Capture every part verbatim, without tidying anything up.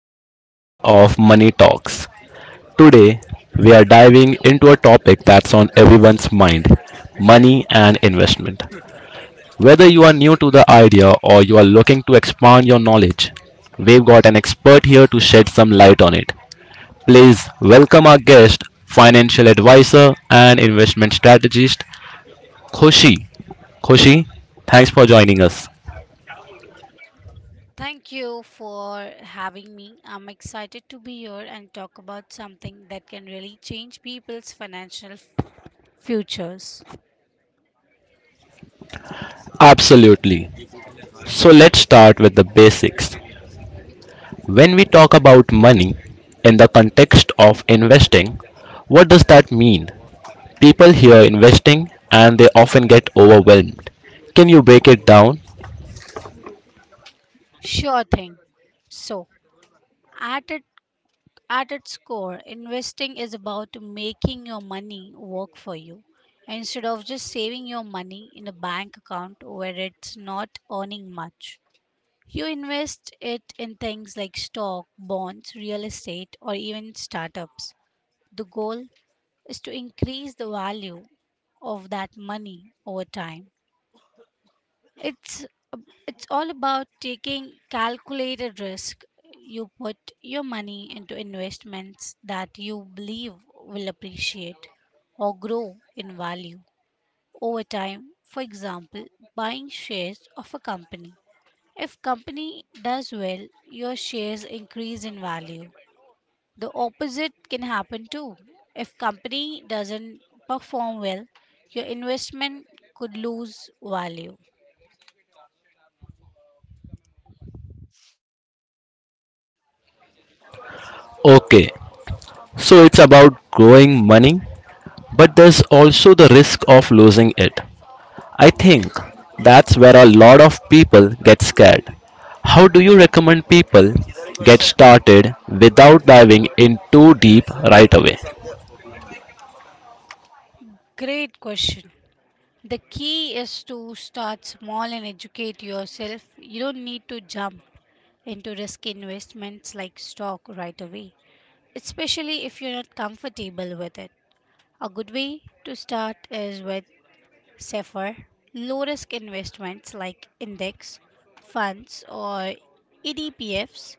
another episode of Money Talks. Today, we are diving into a topic that's on everyone's mind, money and investment. Whether you are new to the idea or you are looking to expand your knowledge, we've got an expert here to shed some light on it. Please welcome our guest, financial advisor and investment strategist, Khushi. Khushi, thanks for joining us. Thank you for having me. I'm excited to be here and talk about something that can really change people's financial f- futures. Absolutely. So let's start with the basics. When we talk about money in the context of investing, what does that mean? People hear investing and they often get overwhelmed. Can you break it down? Sure thing. So, at it, at its core, investing is about making your money work for you instead of just saving your money in a bank account where it's not earning much. You invest it in things like stock, bonds, real estate, or even startups. The goal is to increase the value of that money over time. It's it's all about taking calculated risk. You put your money into investments that you believe will appreciate or grow in value over time. For example, buying shares of a company. If company does well, your shares increase in value. The opposite can happen too. If company doesn't perform well, your investment could lose value. Okay, so it's about growing money, but there's also the risk of losing it. I think that's where a lot of people get scared. How do you recommend people get started without diving in too deep right away? Great question. The key is to start small and educate yourself. You don't need to jump into risky investments like stock right away, especially if you're not comfortable with it. A good way to start is with safer, low risk investments like index funds or E D P Fs.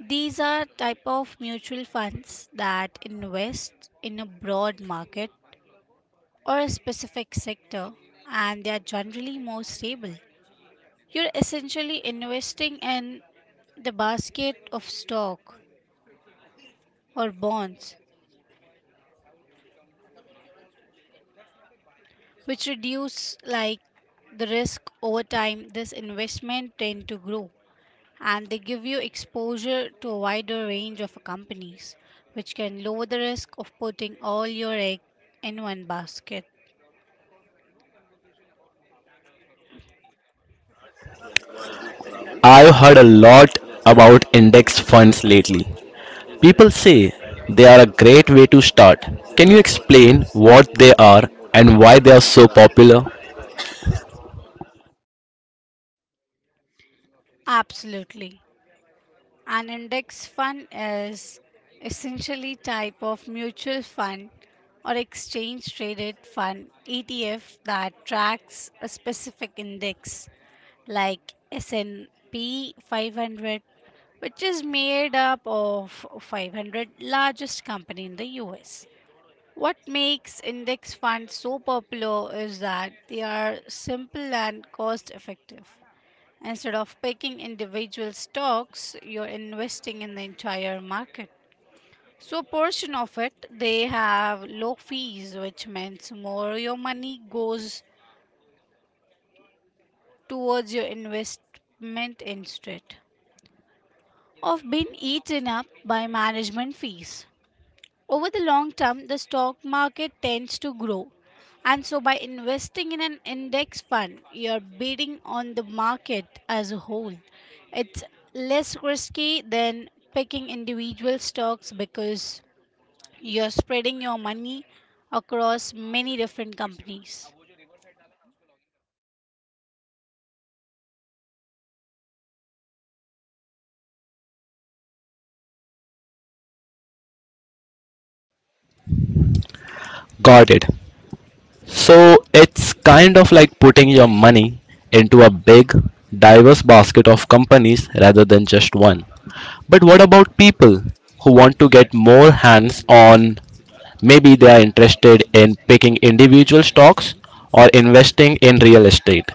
These are type of mutual funds that invest in a broad market or a specific sector, and they are generally more stable. You're essentially investing in the basket of stock or bonds, which reduce like the risk. Over time this investment tend to grow, and they give you exposure to a wider range of companies, which can lower the risk of putting all your egg in one basket. I've heard a lot about index funds lately. People say they are a great way to start. Can you explain what they are and why they are so popular? Absolutely. An index fund is essentially type of mutual fund or exchange traded fund E T F that tracks a specific index like S and P five hundred, which is made up of five hundred largest company in the U S. What makes index funds so popular is that they are simple and cost effective. Instead of picking individual stocks, you're investing in the entire market. So, a portion of it, they have low fees, which means more your money goes towards your investment instead of being eaten up by management fees. Over the long term, the stock market tends to grow. And so, by investing in an index fund, you're bidding on the market as a whole. It's less risky than picking individual stocks because you're spreading your money across many different companies. Got it. So it's kind of like putting your money into a big, diverse basket of companies rather than just one. But what about people who want to get more hands on? Maybe they are interested in picking individual stocks or investing in real estate.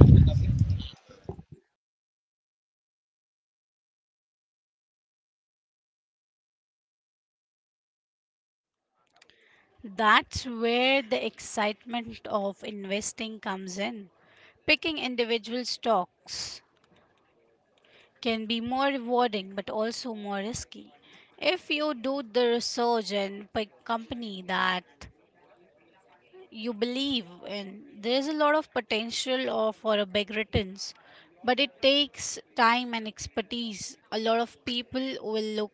That's where the excitement of investing comes in. Picking individual stocks can be more rewarding but also more risky. If you do the research and pick company that you believe in, there is a lot of potential of, for a big returns, but it takes time and expertise. A lot of people will look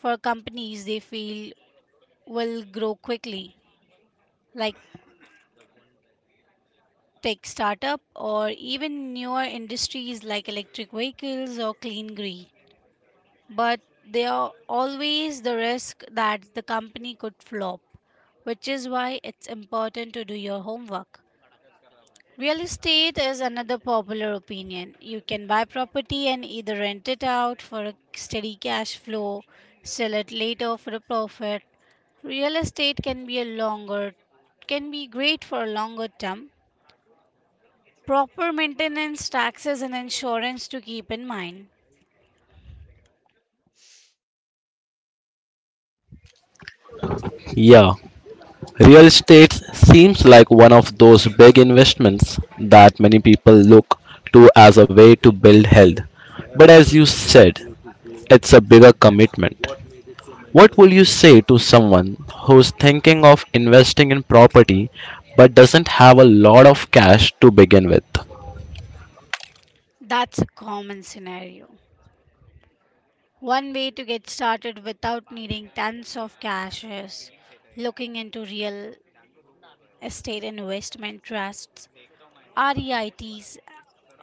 for companies they feel will grow quickly, like tech startup or even newer industries like electric vehicles or clean green. But there are always the risk that the company could flop, which is why it's important to do your homework. Real estate is another popular opinion. You can buy property and either rent it out for a steady cash flow, sell it later for a profit. Real estate can be a longer Can be great for a longer term. Proper maintenance, taxes and insurance to keep in mind. Yeah, real estate seems like one of those big investments that many people look to as a way to build health. But as you said, it's a bigger commitment. What will you say to someone who's thinking of investing in property but doesn't have a lot of cash to begin with? That's a common scenario. One way to get started without needing tons of cash is looking into real estate investment trusts, REITs.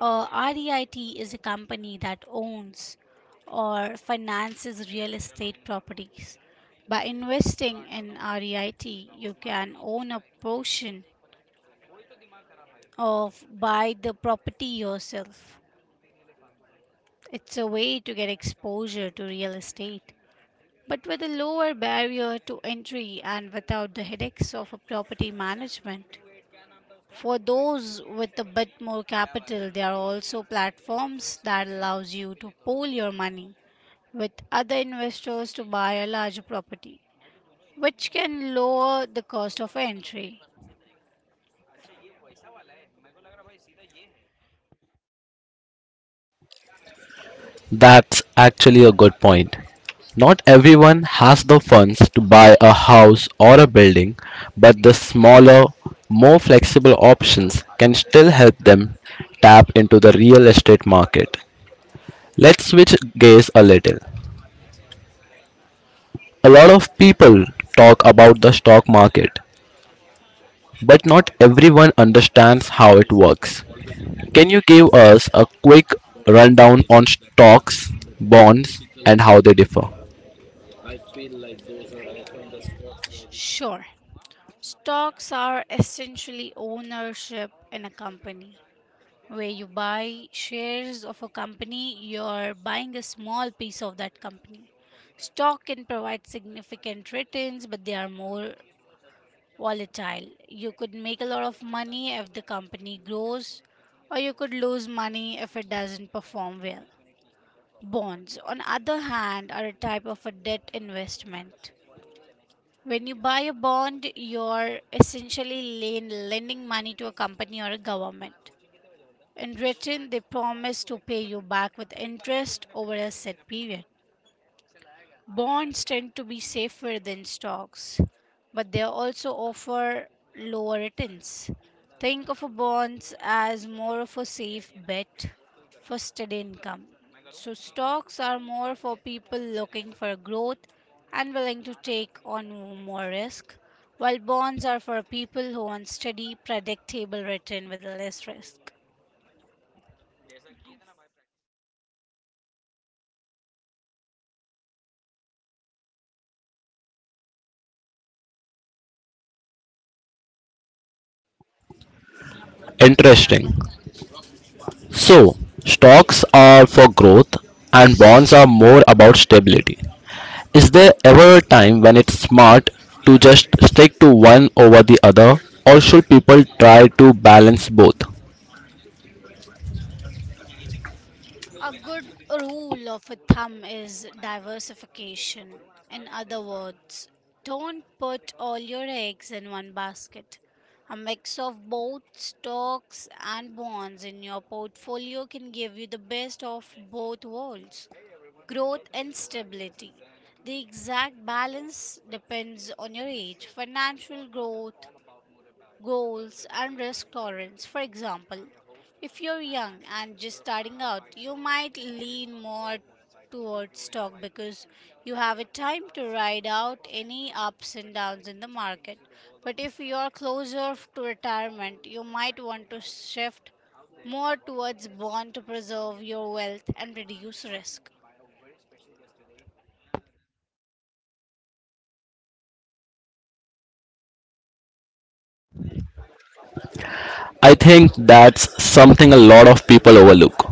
A REIT is a company that owns or finances real estate properties. By investing in REIT, you can own a portion of buy the property yourself. It's a way to get exposure to real estate but with a lower barrier to entry and without the headaches of a property management. For those with a bit more capital, there are also platforms that allows you to pool your money with other investors to buy a larger property, which can lower the cost of entry. That's actually a good point. Not everyone has the funds to buy a house or a building, but the smaller, more flexible options can still help them tap into the real estate market. Let's switch gears a little. A lot of people talk about the stock market, but not everyone understands how it works. Can you give us a quick rundown on stocks, bonds, and how they differ? Sh- Sure, stocks are essentially ownership in a company, where you buy shares of a company, you're buying a small piece of that company. Stock can provide significant returns, but they are more volatile. You could make a lot of money if the company grows, or you could lose money if it doesn't perform well. Bonds, on other hand, are a type of a debt investment. When you buy a bond, you're essentially len- lending money to a company or a government. In return, they promise to pay you back with interest over a set period. Bonds tend to be safer than stocks, but they also offer lower returns. Think of a bonds as more of a safe bet for steady income. So stocks are more for people looking for growth and willing to take on more risk, while bonds are for people who want steady, predictable return with less risk. Interesting. So, stocks are for growth and bonds are more about stability. Is there ever a time when it's smart to just stick to one over the other, or should people try to balance both? A good rule of a thumb is diversification. In other words, don't put all your eggs in one basket. A mix of both stocks and bonds in your portfolio can give you the best of both worlds, growth and stability. The exact balance depends on your age, financial growth, goals and risk tolerance. For example, if you're young and just starting out, you might lean more towards stock because you have a time to ride out any ups and downs in the market. But if you're closer f- to retirement, you might want to shift more towards bond to preserve your wealth and reduce risk. I think that's something a lot of people overlook,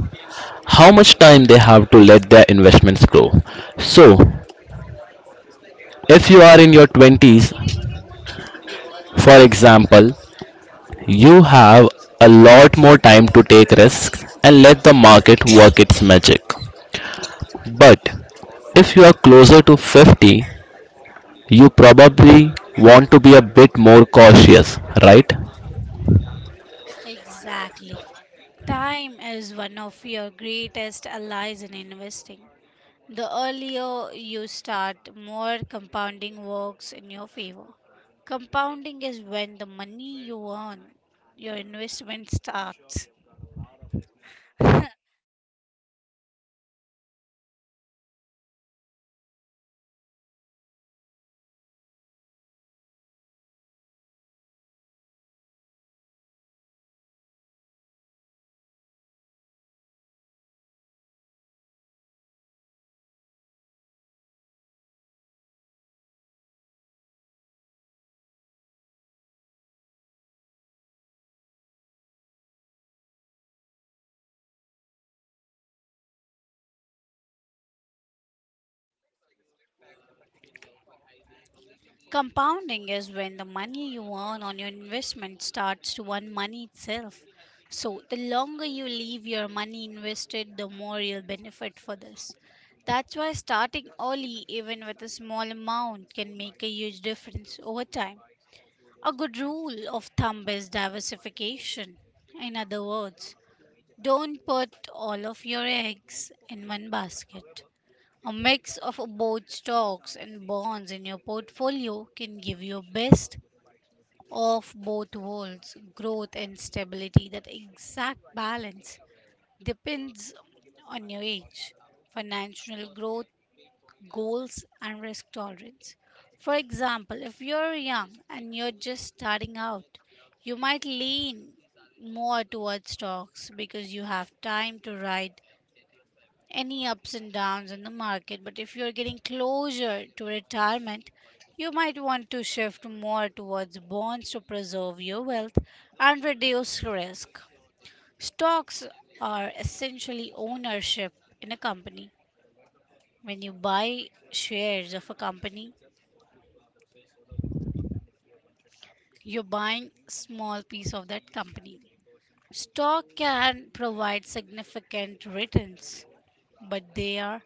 how much time they have to let their investments grow. So, if you are in your twenties, for example, you have a lot more time to take risks and let the market work its magic. But if you are closer to fifty, you probably want to be a bit more cautious, right? Exactly. Time is one of your greatest allies in investing. The earlier you start, more compounding works in your favor. Compounding is when the money you earn, your investment starts. Compounding is when the money you earn on your investment starts to earn money itself. So, the longer you leave your money invested, the more you'll benefit for this. That's why starting early, even with a small amount, can make a huge difference over time. A good rule of thumb is diversification. In other words, don't put all of your eggs in one basket. A mix of both stocks and bonds in your portfolio can give you best of both worlds, growth and stability. That exact balance depends on your age, financial growth goals and risk tolerance. For example, if you're young and you're just starting out, you might lean more towards stocks because you have time to ride any ups and downs in the market. But if you're getting closer to retirement, you might want to shift more towards bonds to preserve your wealth and reduce risk. Stocks are essentially ownership in a company. When you buy shares of a company, you're buying small piece of that company. Stock can provide significant returns, but they are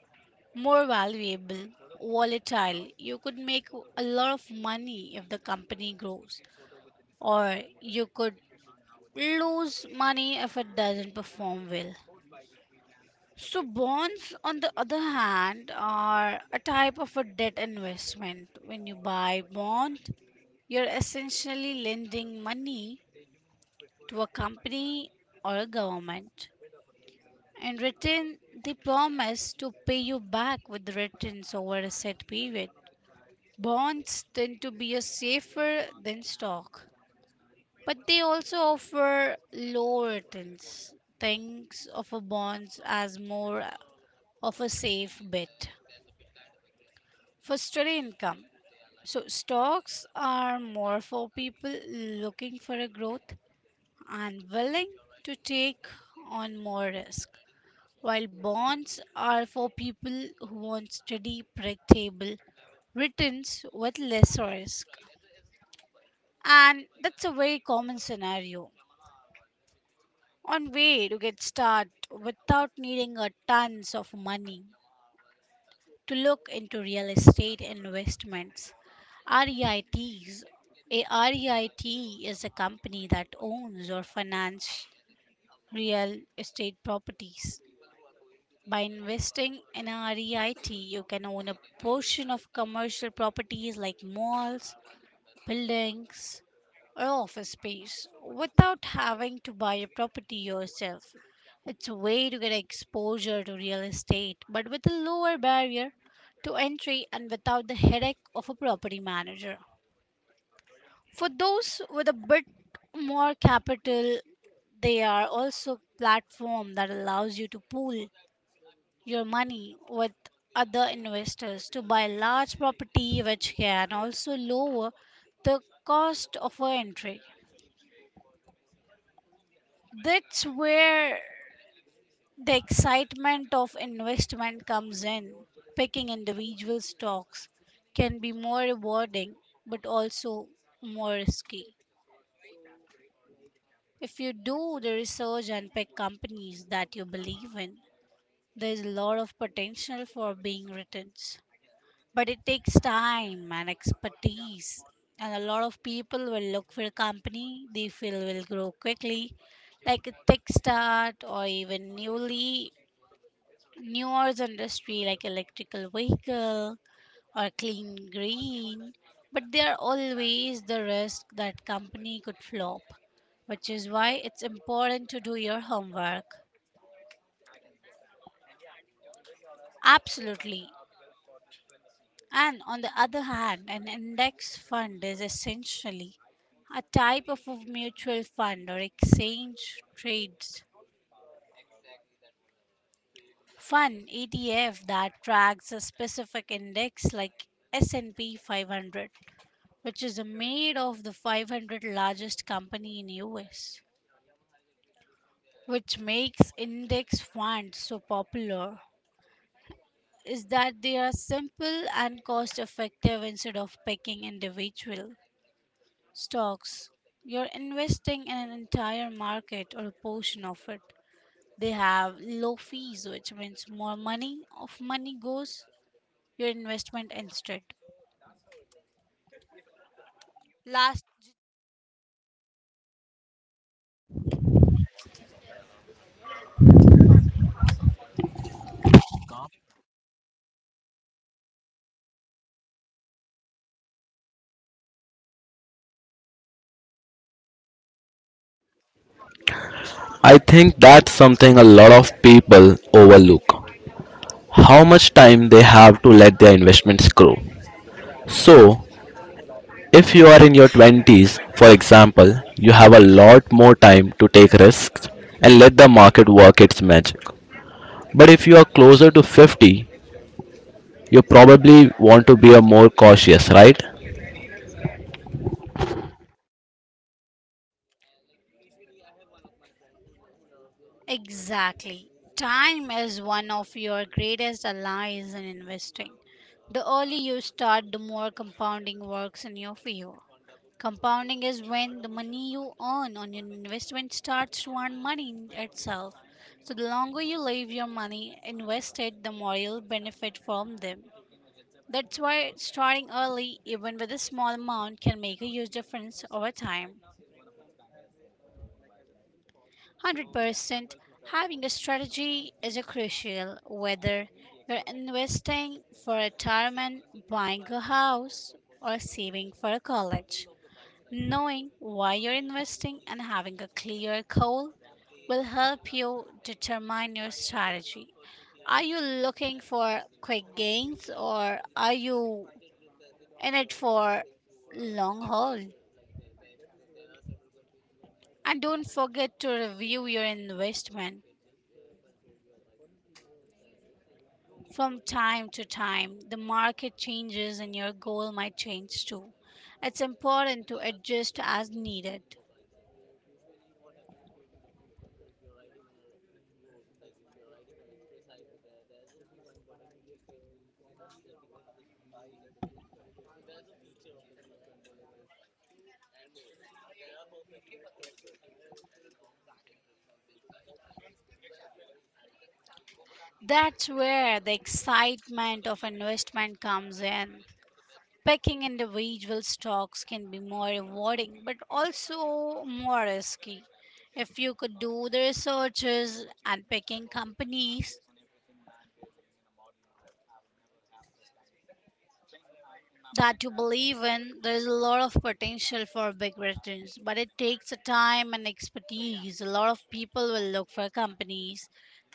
more valuable, volatile. You could make a lot of money if the company grows, or you could lose money if it doesn't perform well. So, bonds, on the other hand, are a type of a debt investment. When you buy bond, you're essentially lending money to a company or a government. In return, they promise to pay you back with returns over a set period. Bonds tend to be a safer than stock, but they also offer low returns. Thinks of a bonds as more of a safe bet for steady income. So stocks are more for people looking for a growth and willing to take on more risk, while bonds are for people who want steady, predictable returns with less risk. And that's a very common scenario. One way to get started without needing a tons of money to look into real estate investments. REITs. A REIT is a company that owns or finances real estate properties. By investing in a REIT, you can own a portion of commercial properties like malls, buildings, or office space without having to buy a property yourself. It's a way to get exposure to real estate, but with a lower barrier to entry and without the headache of a property manager. For those with a bit more capital, they are also a platform that allows you to pool your money with other investors to buy large property which can also lower the cost of our entry. That's where the excitement of investment comes in. Picking individual stocks can be more rewarding but also more risky. If you do the research and pick companies that you believe in, there's a lot of potential for being returns. But it takes time and expertise. And a lot of people will look for a company they feel will grow quickly, like a tech start or even newly newer industry like electrical vehicle or clean green. But there are always the risk that company could flop, which is why it's important to do your homework. Absolutely. And on the other hand, an index fund is essentially a type of a mutual fund or exchange trades fund E T F that tracks a specific index like S and P five hundred, which is made of the five hundred largest company in U S. Which makes index funds so popular is that they are simple and cost effective. Instead of picking individual stocks, you're investing in an entire market or a portion of it. They have low fees, which means more money of money goes your investment instead. Last I think that's something a lot of people overlook, how much time they have to let their investments grow. So, if you are in your twenties, for example, you have a lot more time to take risks and let the market work its magic. But if you are closer to fifty, you probably want to be a more cautious, right? exactly. Time is one of your greatest allies in investing. The early you start, the more compounding works in your favor. Compounding is when the money you earn on your investment starts to earn money in itself. So the longer you leave your money invested, the more you'll benefit from them. That's why starting early, even with a small amount, can make a huge difference over time. one hundred percent having a strategy is a crucial whether you're investing for retirement, buying a house, or saving for college. Knowing why you're investing and having a clear goal will help you determine your strategy. Are you looking for quick gains or are you in it for long haul? And don't forget to review your investment from time to time. The market changes and your goal might change too. It's important to adjust as needed. That's where the excitement of investment comes in. Picking individual stocks can be more rewarding, but also more risky. If you could do the researches and picking companies that you believe in, there's a lot of potential for big returns, but it takes a time and expertise. A lot of people will look for companies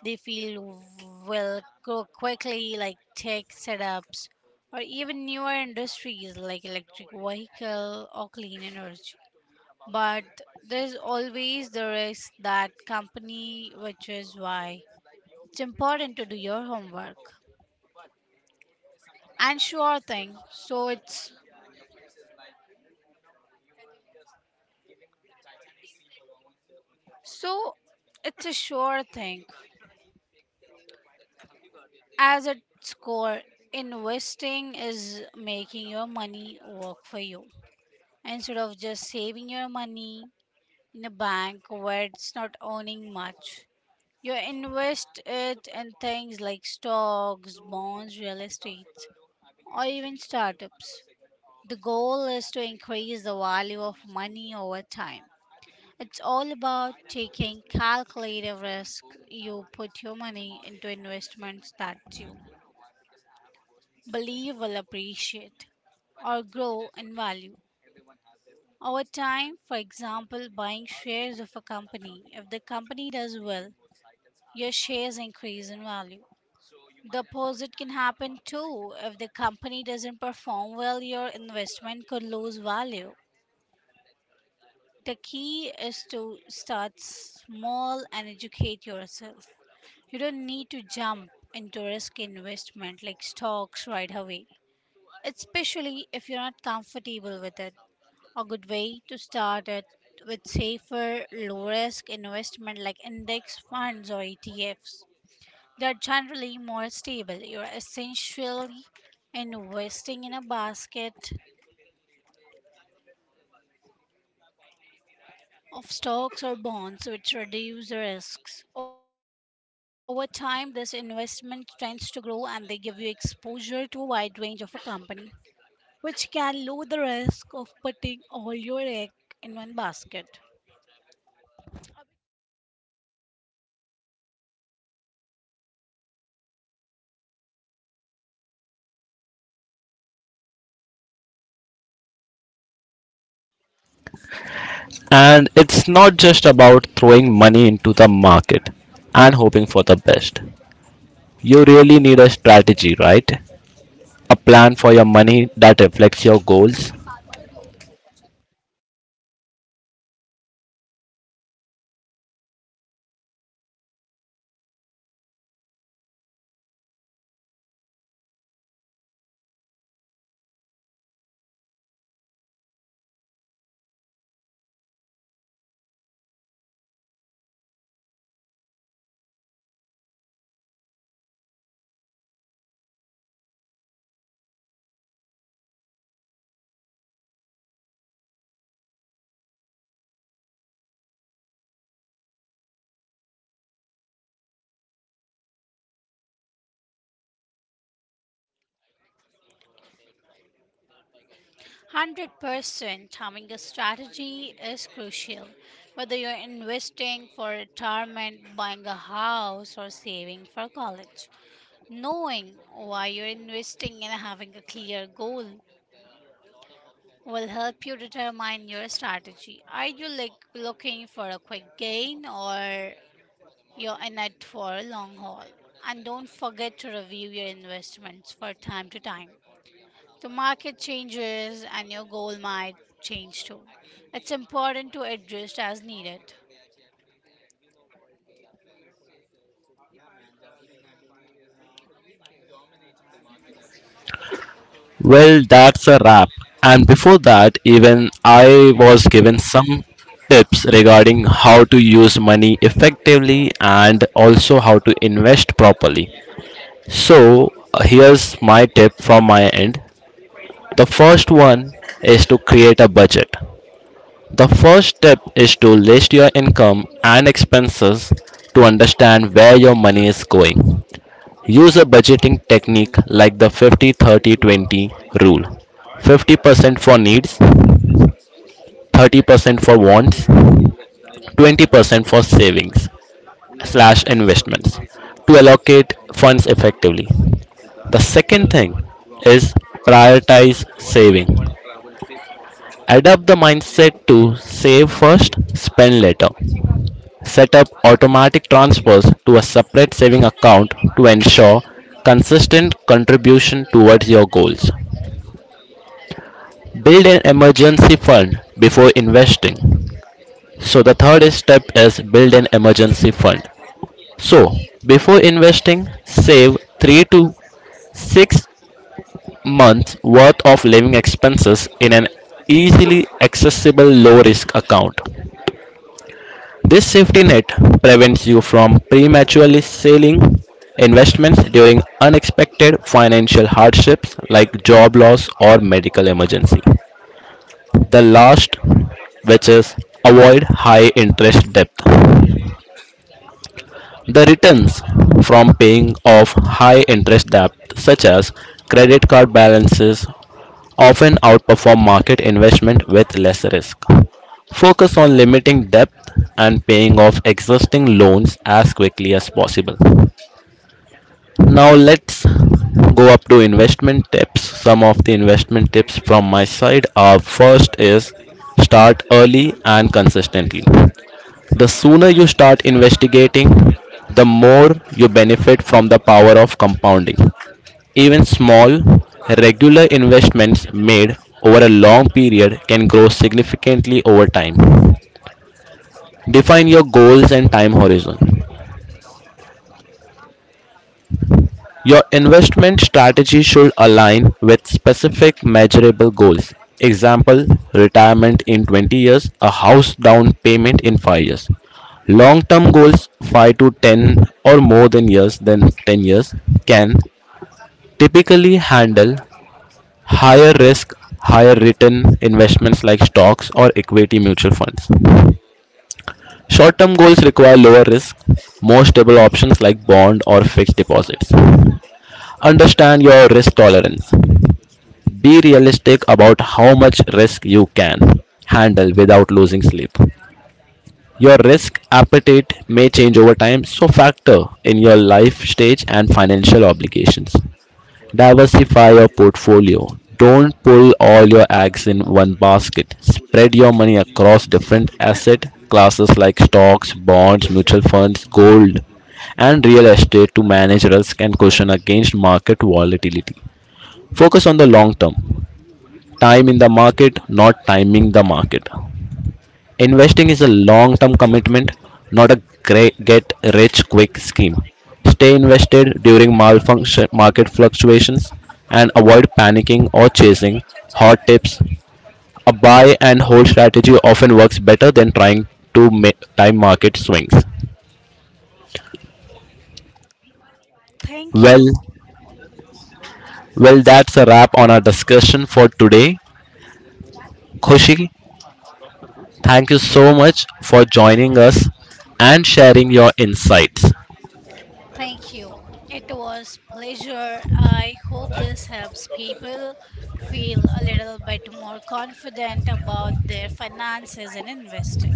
they feel will grow quickly, like tech setups or even newer industries like electric vehicle or clean energy, but there's always the risk that company, which is why it's important to do your homework. And sure thing, so it's so it's a sure thing. As its core, investing is making your money work for you instead of just saving your money in a bank where it's not earning much. You invest it in things like stocks, bonds, real estate, or even startups. The goal is to increase the value of money over time. It's all about taking calculated risk. You put your money into investments that you believe will appreciate or grow in value. Over time, for example, buying shares of a company. If the company does well, your shares increase in value. The opposite can happen too. If the company doesn't perform well, your investment could lose value. The key is to start small and educate yourself. You don't need to jump into risk investment like stocks right away, especially if you're not comfortable with it. A good way to start it with safer, low risk investment like index funds or E T Fs. They're generally more stable. You're essentially investing in a basket of stocks or bonds, which reduce the risks. Over time, this investment tends to grow and they give you exposure to a wide range of a company, which can lower the risk of putting all your egg in one basket. And it's not just about throwing money into the market and hoping for the best. You really need a strategy, right? A plan for your money that reflects your goals. one hundred percent having a strategy is crucial. Whether you're investing for retirement, buying a house, or saving for college, knowing why you're investing and having a clear goal will help you determine your strategy. Are you like looking for a quick gain or you're in it for a long haul? And don't forget to review your investments for time to time. The market changes and your goal might change too. It's important to adjust as needed. Well, that's a wrap. And before that, even I was given some tips regarding how to use money effectively and also how to invest properly. So, uh, here's my tip from my end. The first one is to create a budget. The first step is to list your income and expenses to understand where your money is going. Use a budgeting technique like the fifty thirty twenty rule: fifty percent for needs, thirty percent for wants, twenty percent for savings slash investments, to allocate funds effectively. The second thing is, prioritize saving. Adopt the mindset to save first, spend later. Set up automatic transfers to a separate saving account to ensure consistent contribution towards your goals. Build an emergency fund before investing. So the third step is build an emergency fund. So before investing, save three to six months worth of living expenses in an easily accessible low risk account. This safety net prevents you from prematurely selling investments during unexpected financial hardships like job loss or medical emergency. The last, which is, avoid high interest debt. The returns from paying off high interest debt, such as credit card balances, often outperform market investment with less risk. Focus on limiting debt and paying off existing loans as quickly as possible. Now, let's go up to investment tips. Some of the investment tips from my side are, first is start early and consistently. The sooner you start investigating, the more you benefit from the power of compounding. Even small, regular investments made over a long period can grow significantly over time. Define your goals and time horizon. Your investment strategy should align with specific measurable goals. Example, retirement in twenty years, a house down payment in five years. Long term goals five to ten or more than years than ten years can typically handle higher risk, higher return investments like stocks or equity mutual funds. Short term goals require lower risk, more stable options like bond or fixed deposits. Understand your risk tolerance. Be realistic about how much risk you can handle without losing sleep. Your risk appetite may change over time, so factor in your life stage and financial obligations. Diversify your portfolio. Don't pull all your eggs in one basket. Spread your money across different asset classes like stocks, bonds, mutual funds, gold, and real estate to manage risk and cushion against market volatility. Focus on the long term. Time in the market, not timing the market. Investing is a long term commitment, not a gra- get rich quick scheme. Stay invested during malfunction, market fluctuations, and avoid panicking or chasing hot tips. A buy and hold strategy often works better than trying to ma- time market swings. Thank Well, you. well, that's a wrap on our discussion for today. Khushi, thank you so much for joining us and sharing your insights. Thank you. It was pleasure. I hope this helps people feel a little bit more confident about their finances and investing.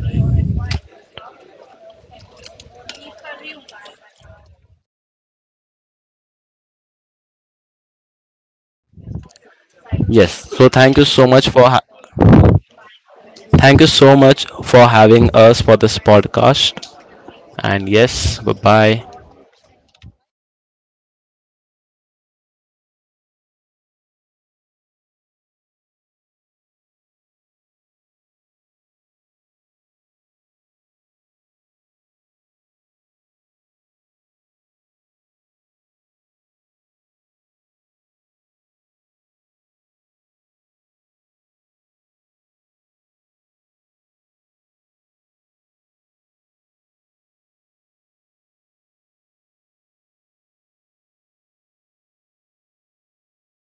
Yes, so thank you so much for ha- thank you so much for having us for this podcast. And yes, bye bye.